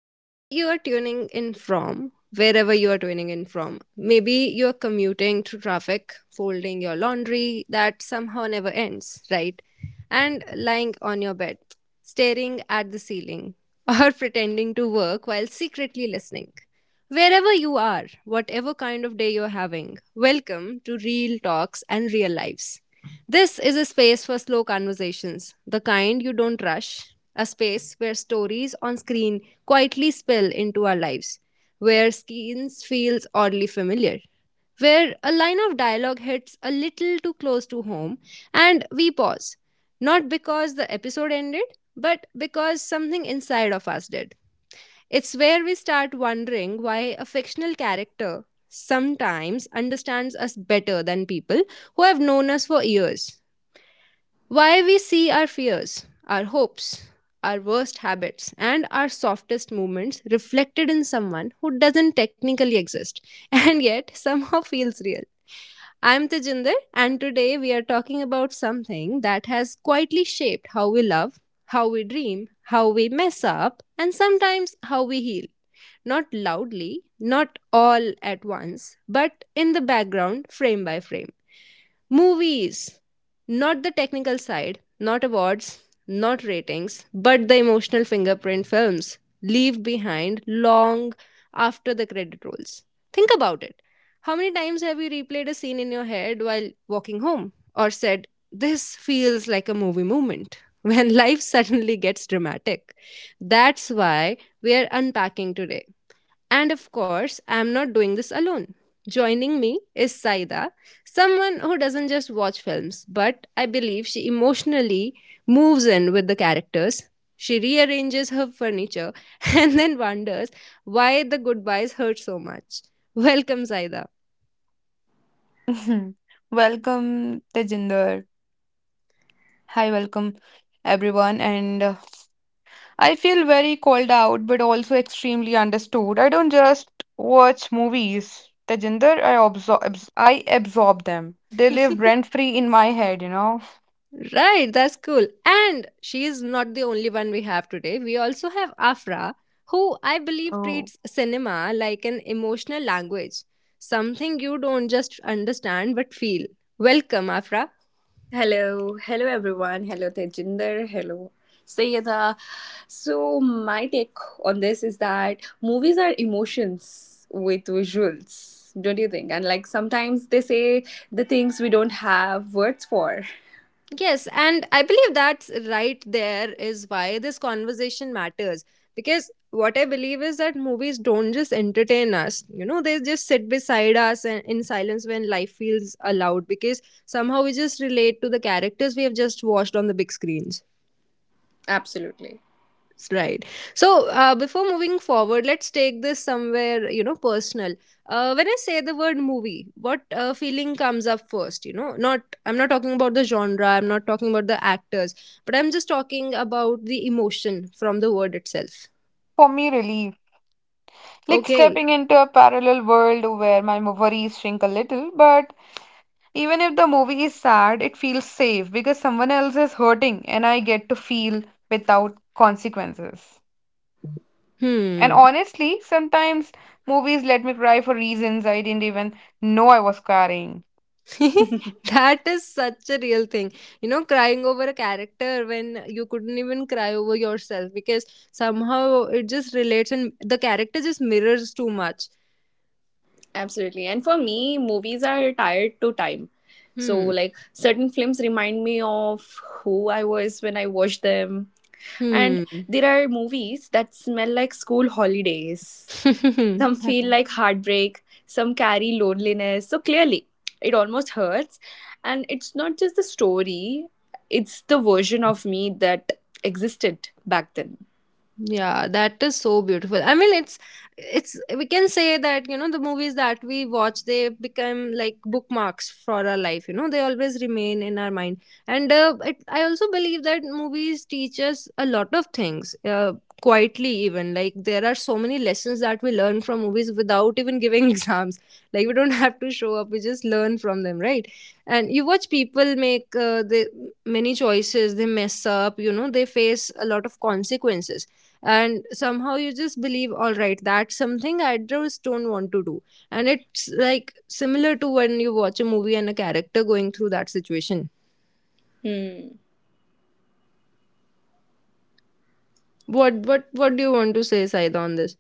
whether you are tuning in from wherever you are tuning in from, maybe you're commuting through traffic, folding your laundry that somehow never ends, right? And lying on your bed, staring at the ceiling, or pretending to work while secretly listening. Wherever you are, whatever kind of day you're having, welcome to Real Talks and Real Lives. This is a space for slow conversations, the kind you don't rush, a space where stories on screen quietly spill into our lives, where scenes feels oddly familiar, where a line of dialogue hits a little too close to home and we pause, not because the episode ended, but because something inside of us did. It's where we start wondering why a fictional character sometimes understands us better than people who have known us for years. Why we see our fears, our hopes, our worst habits, and our softest movements reflected in someone who doesn't technically exist and yet somehow feels real. I'm Tejinder, and today we are talking about something that has quietly shaped how we love, how we dream, how we mess up, and sometimes how we heal, not loudly, not all at once, but in the background, frame by frame. Movies, not the technical side, not awards, not ratings, but the emotional fingerprint films leave behind long after the credit rolls. Think about it. How many times have you replayed a scene in your head while walking home or said, this feels like a movie moment? When life suddenly gets dramatic. That's why we are unpacking today, and of course, I am not doing this alone. Joining me is Saida, someone who doesn't just watch films, but I believe she emotionally moves in with the characters. She rearranges her furniture and then wonders why the goodbyes hurt so much. Welcome, Saida. Mhm. Welcome, Tejinder. Hi, welcome everyone. And I feel very called out, but also extremely understood. I don't just watch movies, Tejinder. I absorb them. They live rent free in my head. Right, that's cool. And she is not the only one we have today. We also have Afra, who I believe Oh, treats cinema like an emotional language, something you don't just understand but feel. Welcome, Afra. Hello, hello everyone. Hello Tejinder. Hello Sayeda. So my take on this is that movies are emotions with visuals, don't you think? And like sometimes they say the things we don't have words for. Yes, and I believe that's right there is why this conversation matters. Because what I believe is that movies don't just entertain us, you know, they just sit beside us and in silence when life feels allowed because somehow we just relate to the characters we have just watched on the big screens. Absolutely. Right. So, before moving forward, let's take this somewhere, you know, personal. When I say the word movie, what feeling comes up first? You know, not, I'm not talking about the genre. I'm not talking about the actors, but I'm just talking about the emotion from the word itself. for me, really, like Okay. stepping into a parallel world where my worries shrink a little, but even if the movie is sad, it feels safe because someone else is hurting and I get to feel without consequences. And Hmm. honestly, sometimes movies let me cry for reasons I didn't even know I was carrying. That is such a real thing. You know, crying over a character when you couldn't even cry over yourself because somehow it just relates and the character just mirrors too much. Absolutely. And for me, movies are tied to time. So Hmm. like certain films remind me of who I was when I watched them. And Hmm. there are movies that smell like school holidays. Some feel like heartbreak, some carry loneliness. So clearly, it almost hurts. And it's not just the story, it's the version of me that existed back then. Yeah, that is so beautiful. I mean, it's we can say that, you know, the movies that we watch, they become like bookmarks for our life. You know, they always remain in our mind. And I also believe that movies teach us a lot of things. Quietly, even like there are so many lessons that we learn from movies without even giving exams, like we don't have to show up, we just learn from them, right? And you watch people make, the many choices, they mess up, you know, they face a lot of consequences, and somehow you just believe, all right, that's something I just don't want to do. And it's like similar to when you watch a movie and a character going through that situation. Hmm. What do you want to say, Saida, on this?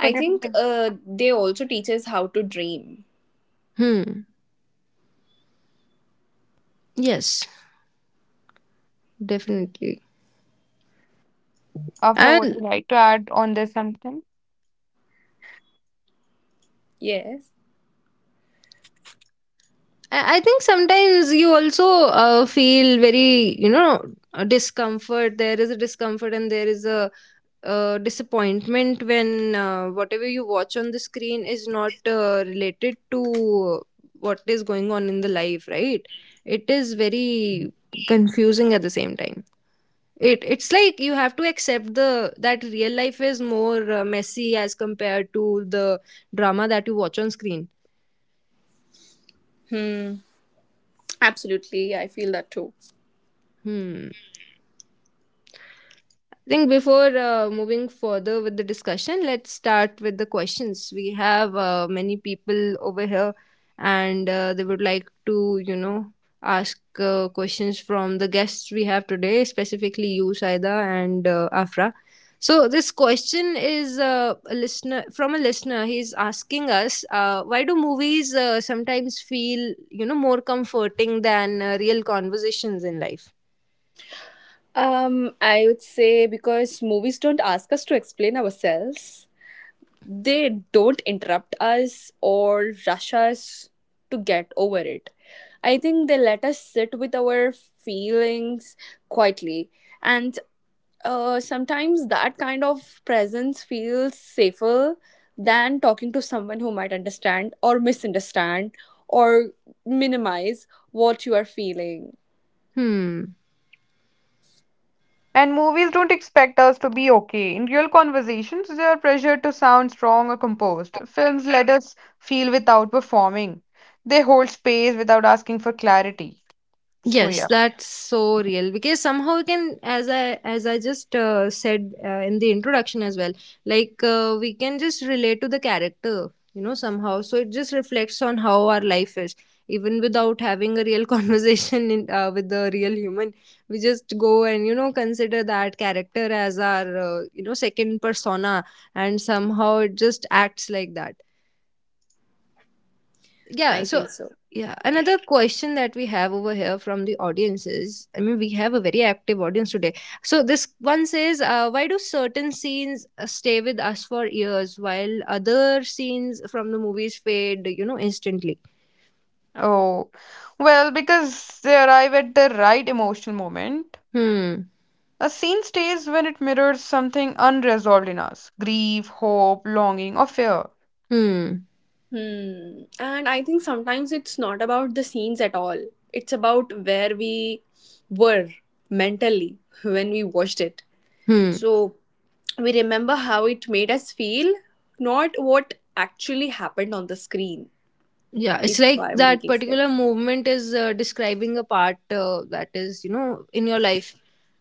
I you think please, they also teach us how to dream. Hmm. Yes, definitely. after and would I you like to add on this something? Yes. I think sometimes you also feel very, you know, a discomfort. There is a discomfort and there is a disappointment when, whatever you watch on the screen is not related to what is going on in the life, right? It is very confusing at the same time. It's like you have to accept the that real life is more messy as compared to the drama that you watch on screen. Hmm. Absolutely. I feel that too. Hmm. I think before moving further with the discussion, let's start with the questions. We have many people over here, and they would like to, you know, ask questions from the guests we have today, specifically you, Saida, and Afra. So this question is a listener from a listener. He's asking us, why do movies sometimes feel, you know, more comforting than real conversations in life? I would say because movies don't ask us to explain ourselves. They don't interrupt us or rush us to get over it. I think they let us sit with our feelings quietly. And sometimes that kind of presence feels safer than talking to someone who might understand or misunderstand or minimize what you are feeling. Hmm. And movies don't expect us to be okay. In real conversations, they are pressured to sound strong or composed. Films let us feel without performing. They hold space without asking for clarity. So Yes, yeah. that's so real because somehow we can, as I just said, in the introduction as well, like, we can just relate to the character, you know, somehow. So it just reflects on how our life is, even without having a real conversation in, with the real human. We just go and, you know, consider that character as our, you know, second persona, and somehow it just acts like that. Yeah, I so think so. yeah, another question that we have over here from the audience is, I mean, we have a very active audience today. So this one says, why do certain scenes stay with us for years, while other scenes from the movies fade, you know, instantly? Oh, well, because they arrive at the right emotional moment. Hmm. A scene stays when it mirrors something unresolved in us grief, hope, longing, or fear. Hmm. Hmm. And I think sometimes it's not about the scenes at all. It's about where we were mentally when we watched it. Hmm. So we remember how it made us feel, not what actually happened on the screen, Yeah, it's if like I'm that making particular sense. movement is describing a part, that is, you know, in your life.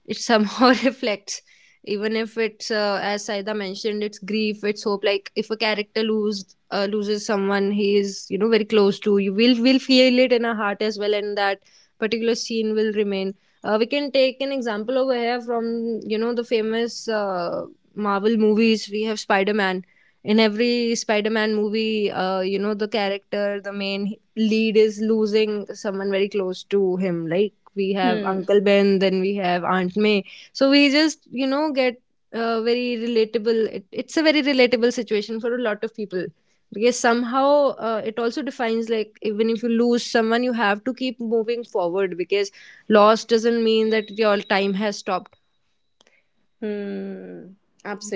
It somehow reflects, even if it's, as Saida mentioned, it's grief, it's hope. Like if a character loses someone he is, you know, very close to, you will feel it in our heart as well, and that particular scene will remain. We can take an example over here from, you know, the famous, Marvel movies. We have Spider Man. In every Spider-Man movie, you know, the character, the main lead, is losing someone very close to him, like we have Hmm. Uncle Ben, then we have Aunt May. So we just, you know, get very relatable. It's a very relatable situation for a lot of people, because somehow, it also defines, like, even if you lose someone, you have to keep moving forward, because loss doesn't mean that your time has stopped. Hmm.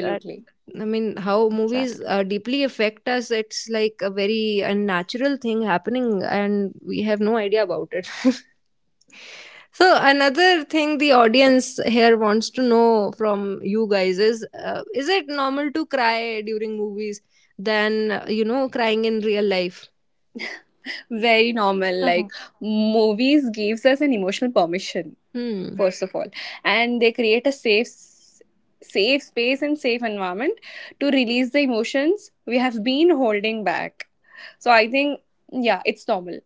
That, I mean, how movies Exactly. Deeply affect us, it's like a very unnatural thing happening and we have no idea about it. So another thing the audience here wants to know from you guys is, is it normal to cry during movies than, you know, crying in real life? Very normal. Like Mhm. movies gives us an emotional permission. Hmm. First of all, and they create a safe space and safe environment to release the emotions we have been holding back. So I think, yeah, it's normal.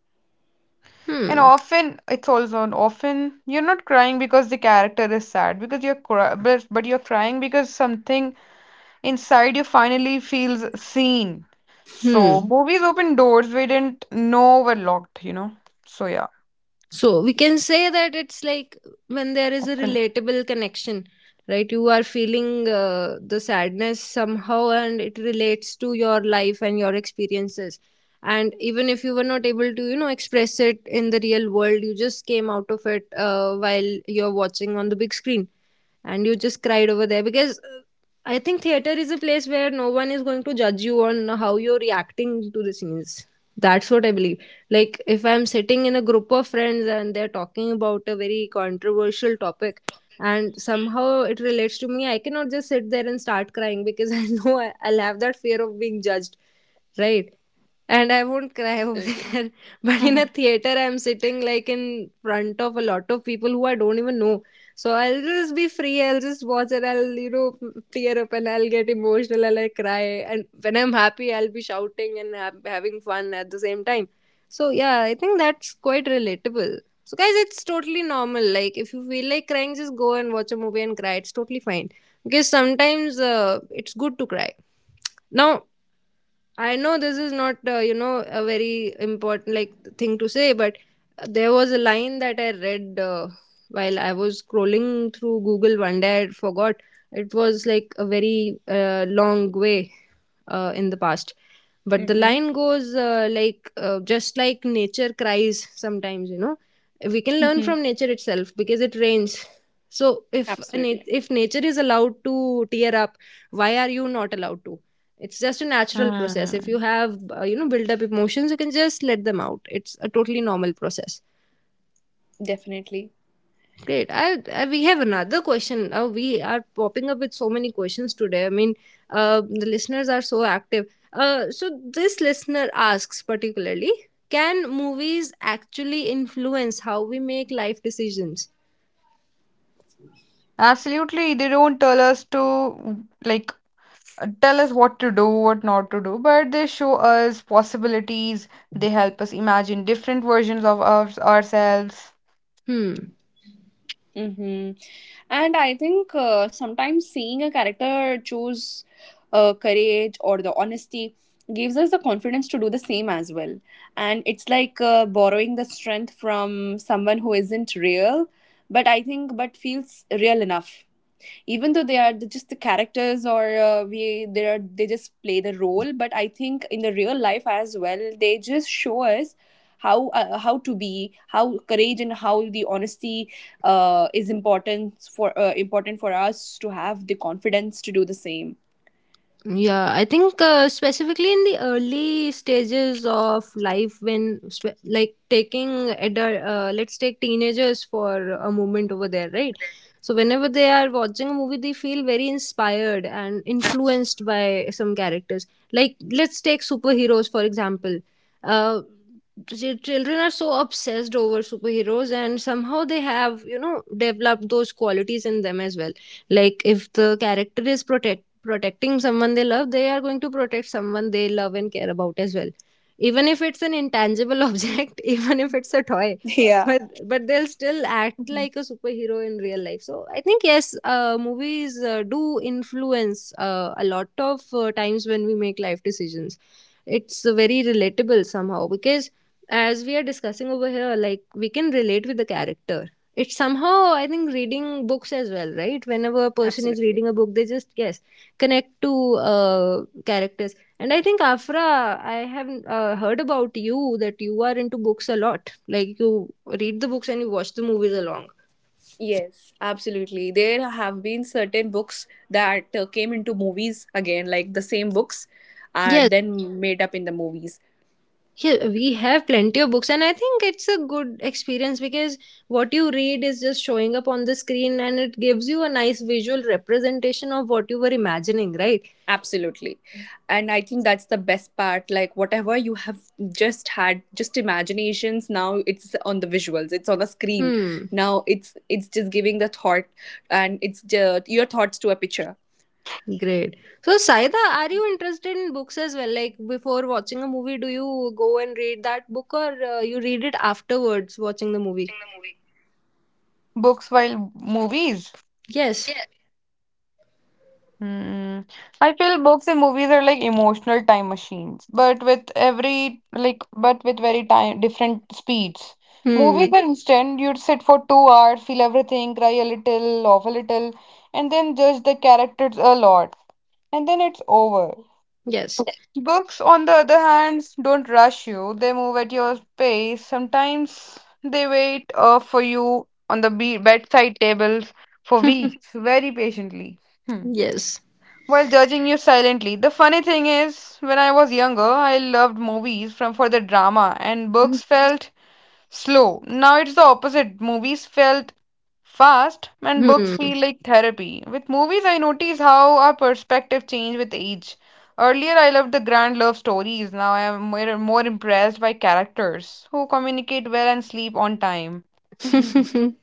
And Hmm. often, it's also an often you're not crying because the character is sad, because you're cry- but you're crying because something inside you finally feels seen. So Hmm. movies open doors we didn't know were locked, you know. So yeah, So we can say that it's like, when there is a often. relatable connection, right? You are feeling the sadness somehow and it relates to your life and your experiences. And even if you were not able to, you know, express it in the real world, you just came out of it while you're watching on the big screen, and you just cried over there because, I think theater is a place where no one is going to judge you on how you're reacting to the scenes. That's what I believe. Like, if I'm sitting in a group of friends and they're talking about a very controversial topic and somehow it relates to me, I cannot just sit there and start crying, because I know I'll have that fear of being judged, right? And I won't cry over Absolutely. there. But in a Mhm. theater, I'm sitting like in front of a lot of people who I don't even know. So I'll just be free. I'll just watch and I'll, you know, tear up and I'll get emotional and I'll, like, cry. And when I'm happy, I'll be shouting and having fun at the same time. So yeah, I think that's quite relatable. So guys, it's totally normal. Like if you feel like crying, just go and watch a movie and cry. It's totally fine. Because sometimes it's good to cry. Now, I know this is not, you know, a very important like thing to say, but there was a line that I read while I was scrolling through Google one day. I forgot. It was like a very long way in the past, but the Mm-hmm. line goes, just like nature cries sometimes. You know, we can learn Mm-hmm. from nature itself because it rains. So if a Absolutely. If nature is allowed to tear up, why are you not allowed to? It's just a natural process. If you Mm. have, you know, built up emotions, you can just let them out. It's a totally normal process. Definitely. Great. I We have another question. We are popping up with so many questions today. I mean, the listeners are so active. So this listener asks particularly, can movies actually influence how we make life decisions? Absolutely, they don't tell us to like tell us what to do, what not to do, but they show us possibilities. They help us imagine different versions of us ourselves. Hmm. Mm-hmm. And I think sometimes seeing a character choose courage or the honesty gives us the confidence to do the same as well. And it's like borrowing the strength from someone who isn't real, but I think but feels real enough, even though they are just the characters, or we they are, they just play the role. But I think in the real life as well, they just show us how, how to be, how courage and how the honesty is important for important for us to have the confidence to do the same. Yeah, I think specifically in the early stages of life, when like taking adult, let's take teenagers for a moment over there, right? So whenever they are watching a movie, they feel very inspired and influenced by some characters. Like, let's take superheroes for example. Uh, Children are so obsessed over superheroes, and somehow they have, you know, developed those qualities in them as well, like if the character is protected protecting someone they love, they are going to protect someone they love and care about as well. Even if it's an intangible object, even if it's a toy, but they'll still act Mhm. like a superhero in real life. So I think yes, movies do influence a lot of times when we make life decisions. It's very relatable somehow because as we are discussing over here, like we can relate with the character. It's somehow, I think, reading books as well, right? Whenever a person is Absolutely. reading a book, they just, yes, connect to characters. And I think, Afra, I have heard about you that you are into books a lot. Like, you read the books and you watch the movies along. Yes, absolutely. There have been certain books that came into movies again, like the same books are Yes. then made up in the movies. Yeah, we have plenty of books, and I think it's a good experience because what you read is just showing up on the screen and it gives you a nice visual representation of what you were imagining, right? Absolutely. And I think that's the best part. Like, whatever you have just had, just imaginations, now it's on the visuals, it's on a screen. Hmm. Now it's just giving the thought and it's the, your thoughts to a picture. Great. So, Saida, are you interested in books as well? Like, before watching a movie, do you go and read that book, or you read it afterwards watching the movie? Books while movies. Yes. Yeah. Hmm. I feel books and movies are like emotional time machines, but with very time different speeds. Hmm. Movies are instant. You'd sit for 2 hours, feel everything, cry a little, laugh a little, and then judge the characters a lot, and then it's over. Yes. Books, on the other hand, don't rush you. They move at your pace. Sometimes they wait for you on the be bedside tables for weeks, very patiently, hmm, Yes. while judging you silently. The funny thing is, when I was younger, I loved movies from for the drama, and Hmm. books felt slow. Now it's the opposite. Movies felt fast and books feel like therapy. With movies, I notice how our perspective change with age. Earlier, I loved the grand love stories. Now, I am more impressed by characters who communicate well and sleep on time.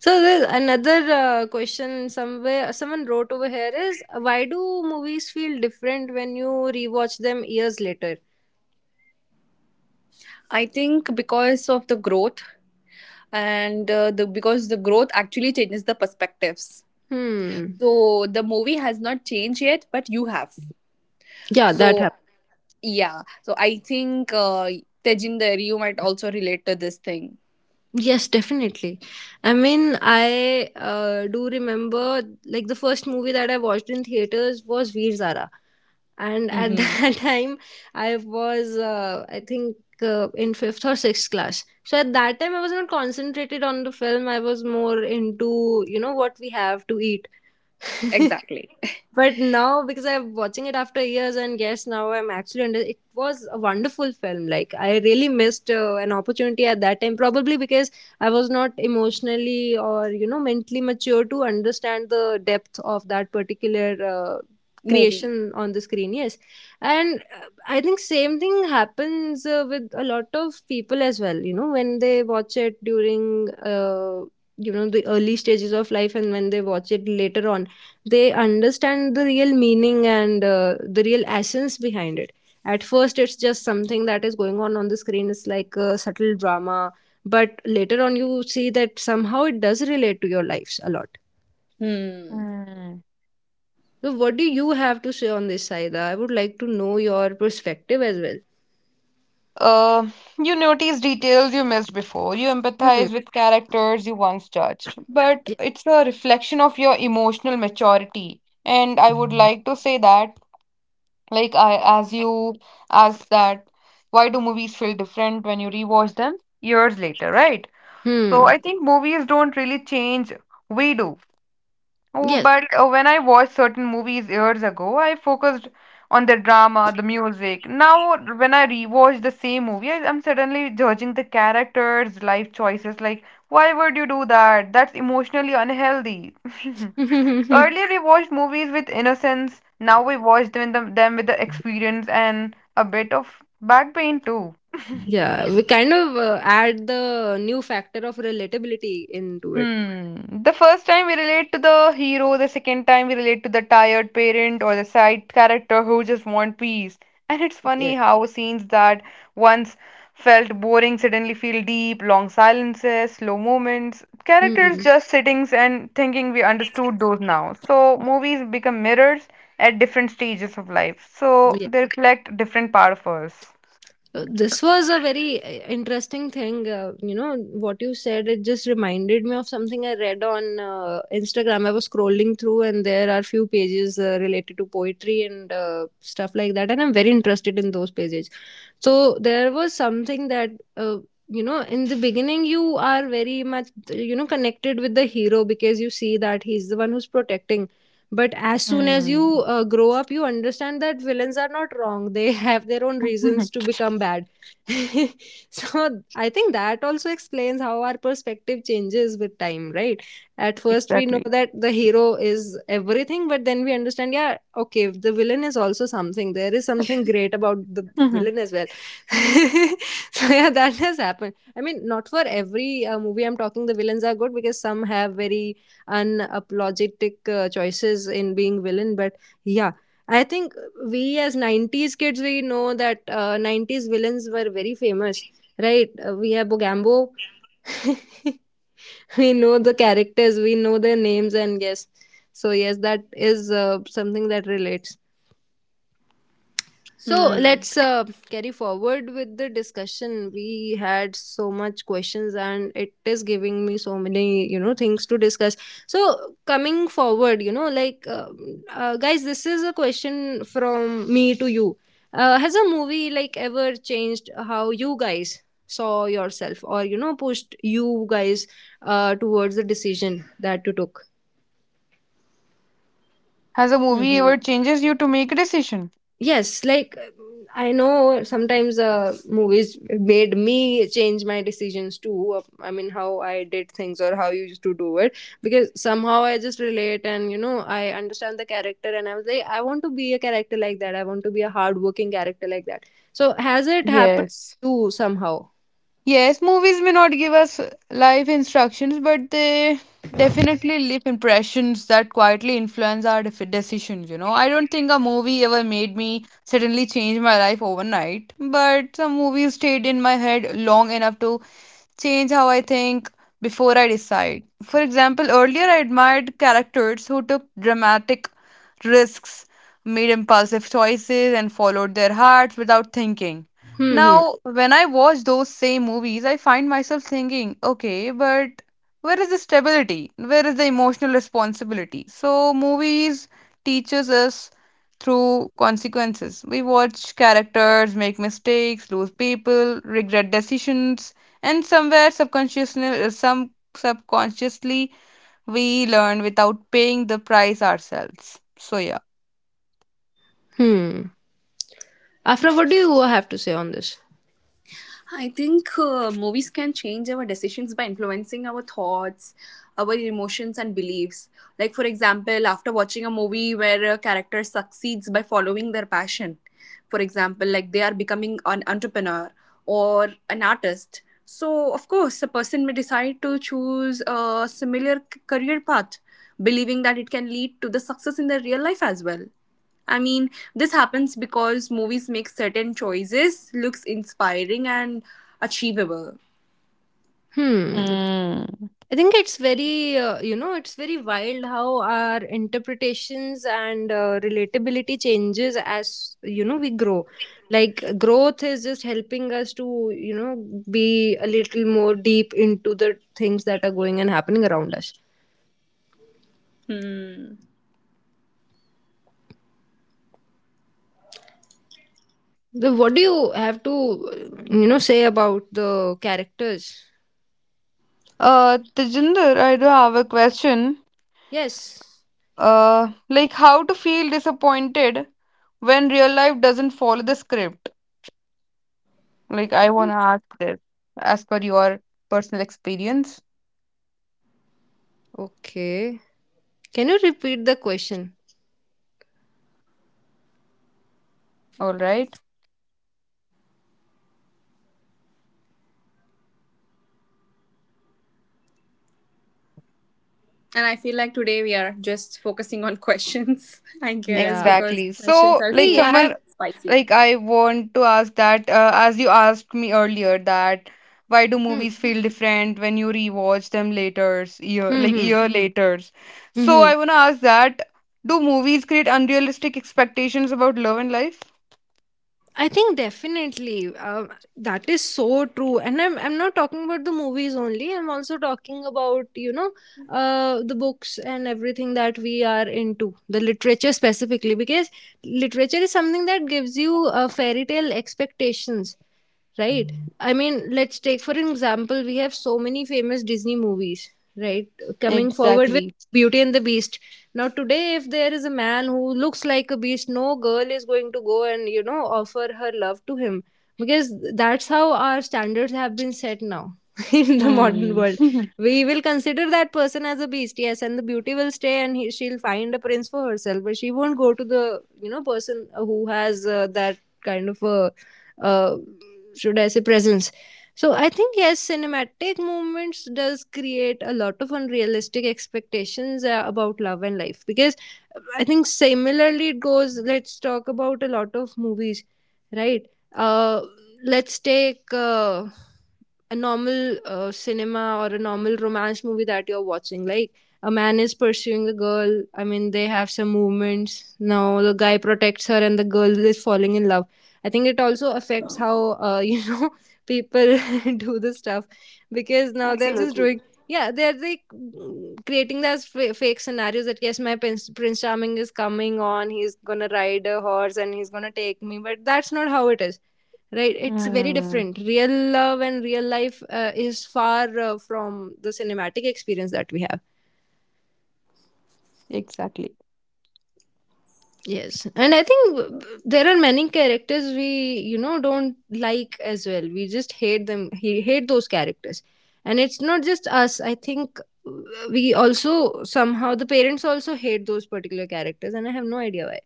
So there's another question. Somewhere someone wrote over here is, why do movies feel different when you rewatch them years later? I think because of the growth and the growth actually changes the perspectives. Hmm. So the movie has not changed yet, but you have. Yeah, that. So yeah. So I think, Tejinder, you might also relate to this thing. Yes, definitely. I mean, I do remember, like, the first movie that I watched in theaters was Veer Zara, and at Mm-hmm. that time I was, I think, in fifth or sixth class. So at that time I was not concentrated on the film. I was more into, you know, what we have to eat. Exactly. But now, because I'm watching it after years, and yes, now I'm actually under. It was a wonderful film. Like, I really missed an opportunity at that time, probably because I was not emotionally or, you know, mentally mature to understand the depth of that particular Movie. creation on the screen. Yes, and I think same thing happens with a lot of people as well. You know, when they watch it during. You know, the early stages of life, and when they watch it later on, they understand the real meaning and the real essence behind it. At first it's just something that is going on the screen. It's like a subtle drama, but later on you see that somehow it does relate to your lives a lot. Hmm. Hmm. So what do you have to say on this, Saida? I would like to know your perspective as well. Uh, you notice details you missed before. You Hmm. empathize with characters you once judged. But Yeah. it's a reflection of your emotional maturity. And I would like to say that, like I, as you asked that, why do movies feel different when you rewatch them years later, right? So I Hmm. think movies don't really change. We do. Oh, Yes. But when I watched certain movies years ago, I focused on the drama, the music. Now, when I rewatch the same movie, I'm suddenly judging the characters' life choices. Like, why would you do that? That's emotionally unhealthy. Earlier we watched movies with innocence, now we watch them with the experience and a bit of back pain too. Yeah, we kind of add the new factor of relatability into it. Hmm. The first time we relate to the hero, the second time we relate to the tired parent or the side character who just want peace. And it's funny Yes. how scenes that once felt boring suddenly feel deep, long silences, slow moments, characters Hmm. just sitting and thinking we understood those now. So movies become mirrors at different stages of life. So they reflect different part of us. This was a very interesting thing, you know, what you said. It just reminded me of something I read on Instagram. I was scrolling through, and there are few pages related to poetry and stuff like that, and I'm very interested in those pages. So there was something that, uh, you know, in the beginning you are very much, you know, connected with the hero because you see that he's the one who's protecting. But as soon as Hmm. you grow up, you understand that villains are not wrong. They have their own reasons to become bad. So I think that also explains how our perspective changes with time, right? At first we know Exactly. that the hero is everything, but then we understand, yeah, okay, the villain is also something. There is something great about the Mhm. villain as well. So yeah, that has happened. I mean, not for every movie I'm talking the villains are good, because some have very unapologetic choices in being villain. But yeah, I think we as 90s kids, we know that 90s villains were very famous, right? We have Bogambo. We know the characters, we know their names, and yes, so yes, that is something that relates. So Hmm. let's carry forward with the discussion. We had so much questions, and it is giving me so many, you know, things to discuss. So coming forward, you know, like, guys, this is a question from me to you. Has a movie like ever changed how you guys saw yourself, or, you know, pushed you guys towards the decision that you took? Has a movie Hmm. ever changes you to make a decision? Yes, like, I know sometimes movies made me change my decisions too. I mean, how I did things or how you used to do it, because somehow I just relate and, you know, I understand the character, and I was like, I want to be a character like that. I want to be a hardworking character like that. So has it happened Yes. to you somehow? Yes, movies may not give us life instructions, but they definitely leave impressions that quietly influence our def decisions, you know. I don't think a movie ever made me suddenly change my life overnight, but some movies stayed in my head long enough to change how I think before I decide. For example, earlier I admired characters who took dramatic risks, made impulsive choices, and followed their hearts without thinking. Hmm. Hmm. Now, when I watch those same movies, I find myself thinking, okay, but where is the stability? Where is the emotional responsibility? So, movies teaches us through consequences. We watch characters make mistakes, lose people, regret decisions, and some subconsciously, we learn without paying the price ourselves. So yeah. Hmm. Afra, what do you have to say on this? I think movies can change our decisions by influencing our thoughts, our emotions, and beliefs. Like, for example, after watching a movie where a character succeeds by following their passion, for example, like they are becoming an entrepreneur or an artist. So, of course, a person may decide to choose a similar career path, believing that it can lead to the success in their real life as well. I mean, this happens because movies make certain choices looks inspiring and achievable. Hmm. Hmm. I think it's very, you know, it's very wild how our interpretations and relatability changes as, you know, we grow. Like, growth is just helping us to, you know, be a little more deep into the things that are going and happening around us. Hmm. What do you have to, you know, say about the characters? Tejinder, I do have a question. Yes. Like how to feel disappointed when real life doesn't follow the script? Like I Mhm. wanna ask this as per your personal experience. Okay. Can you repeat the question? All right. And I feel like today we are just focusing on questions, I guess, Yeah. because Exactly. questions So, are like We so have. someone spicy. like I want to ask that as you asked me earlier that Why do Hmm. movies feel different when you rewatch them later year, Hmm. like Hmm. year Hmm. later? So Hmm. I want to ask that, do movies create unrealistic expectations about love and life? I think definitely that is so true, and I'm not talking about the movies only. I'm also talking about, you know, the books and everything that we are into, the literature specifically, because literature is something that gives you fairy tale expectations, right? I mean, let's take for example, we have so many famous Disney movies, right? Coming forward with Exactly. Beauty and the Beast. Now today, if there is a man who looks like a beast, no girl is going to go and, you know, offer her love to him because that's how our standards have been set now in the modern world. We will consider that person as a beast, yes, and the beauty will stay and she'll find a prince for herself, but she won't go to the, you know, person who has that kind of a, uh, should I say, presence. So I think yes, cinematic movements does create a lot of unrealistic expectations about love and life, because I think similarly it goes. Let's talk about a lot of movies, right? Uh, let's take a normal cinema or a normal romance movie that you're watching. Like, a man is pursuing a girl. I mean, they have some movements. Now the guy protects her, and the girl is falling in love. I think it also affects how, you know, people do the stuff, because now they're just Absolutely, doing. Yeah, they're like, creating those fake scenarios that, yes, my prince, Prince Charming, is coming on. He's gonna ride a horse and he's gonna take me, but that's not how it is. Right? It's very Hmm. different. Real love and real life is far from the cinematic experience that we have. Exactly. Yes, and I think there are many characters we, you know, don't like as well. We just hate them. He hate those characters, and it's not just us. I think uh, we also somehow, the parents also hate those particular characters, and I have no idea why.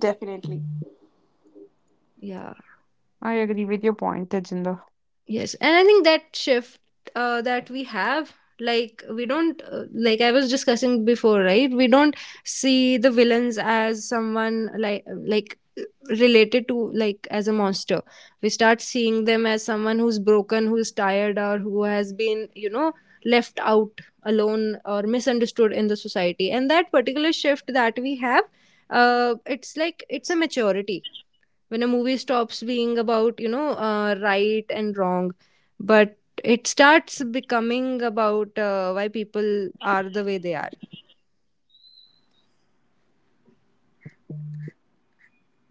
definitely. Yeah. I agree with your point, Tejinder. Yes, and I think that shift that we have, like we don't, like I was discussing before, right? We don't see the villains as someone like related to, like, as a monster. We start seeing them as someone who's broken, who's tired, or who has been, you know, left out alone or misunderstood in the society. And that particular shift that we have, it's like it's a maturity when a movie stops being about, you know, right and wrong, but it starts becoming about why people are the way they are.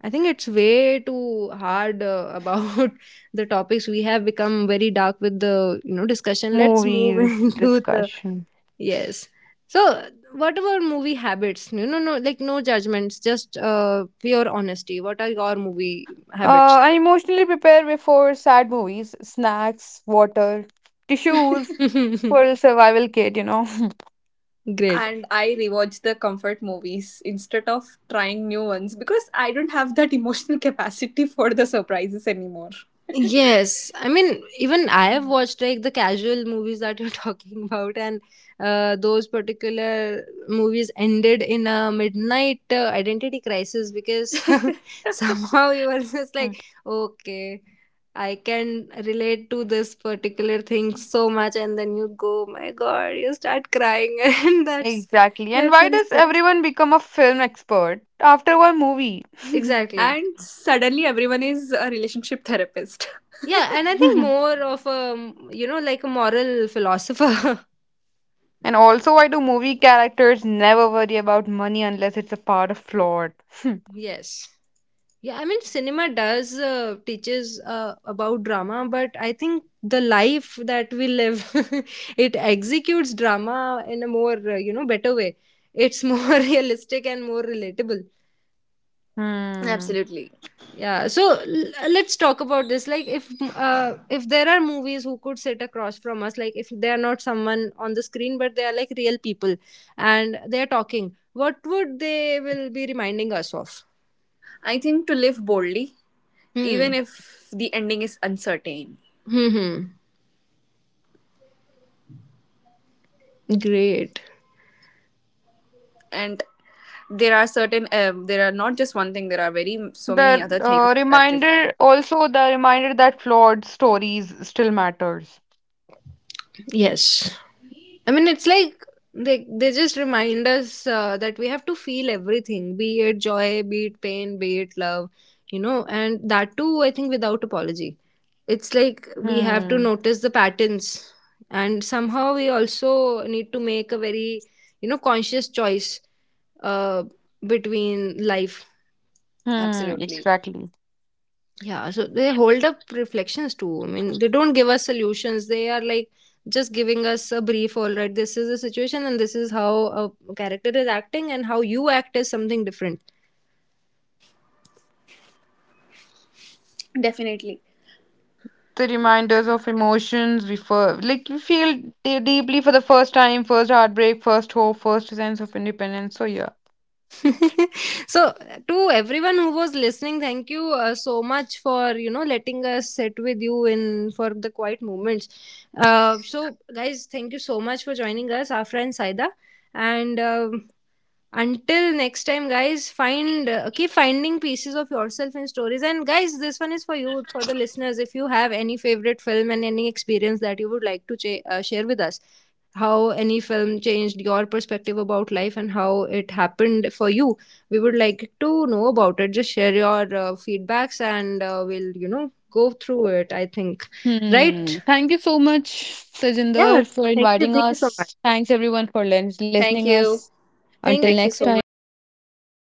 I think it's way too hard about the topics. We have become very dark with the, you know, discussion. Let's move Movies into the. discussion. Yes. So what about movie habits? No, no, no. Like, no judgments, just pure honesty. What are your movie uh habits? i emotionally prepare before sad movies, snacks, water, tissues, for survival kit, you know. Great. And I rewatch the comfort movies instead of trying new ones because I don't have that emotional capacity for the surprises anymore. Yes, I mean, even I have watched like the casual movies that you're talking about, and those particular movies ended in a midnight identity crisis, because somehow you were just like, okay, I can relate to this particular thing so much, and then you go, my God, you start crying, and that's Exactly. And that's why very does sad. everyone become a film expert after one movie? Exactly. And suddenly everyone is a relationship therapist. Yeah, and I think And more of a, you know, like, a moral philosopher. also, why do movie characters never worry about money unless it's a part of plot? Yes. Yeah, I mean, cinema does teaches about drama, but I think the life that we live, it executes drama in a more, you know, better way. It's more realistic and more relatable. Hmm. Absolutely. Yeah. So let's talk about this. Like, if there are movies who could sit across from us, like if they are not someone on the screen, but they are like real people and they are talking, what would they will be reminding us of? I think to live boldly, even Hmm. if the ending is uncertain. Hmm. Hmm. Great. And there are certain, there are not just one thing, there are very so many The other things uh, that remind. reminder, also the reminder that flawed stories still matters. Yes. I mean, it's like they just remind us that we have to feel everything, be it joy, be it pain, be it love, you know, and that too, I think, without apology. It's like we have to Hmm. notice the patterns, and somehow we also need to make a very, you know, conscious choice uh, between life. Hmm. Absolutely. Exactly. Yeah, so they hold up reflections too. I mean, they don't give us solutions. They are like just giving us a brief, all right, this is the situation and this is how a character is acting, and how you act is something different. Definitely. The reminders of emotions we feel, like we feel deeply for the first time, first heartbreak, first hope, first sense of independence. So yeah. So to everyone who was listening, thank you so much for, you know, letting us sit with you in for the quiet moments. So guys, thank you so much for joining us, our friend Saida. And until next time, guys, find keep finding pieces of yourself in stories. And guys, this one is for you, for the listeners, if you have any favorite film and any experience that you would like to share with us how any film changed your perspective about life and how it happened for you, we would like to know about it. Just share your feedbacks, and we'll, you know, go through it, I think. Hmm. Right. Thank you so much, Yeah, Tejinder, for thank you. inviting Thank you so much. us. Thanks everyone for Thank listening you. us. Until Thank you Thank you next so guys. much. time. Life.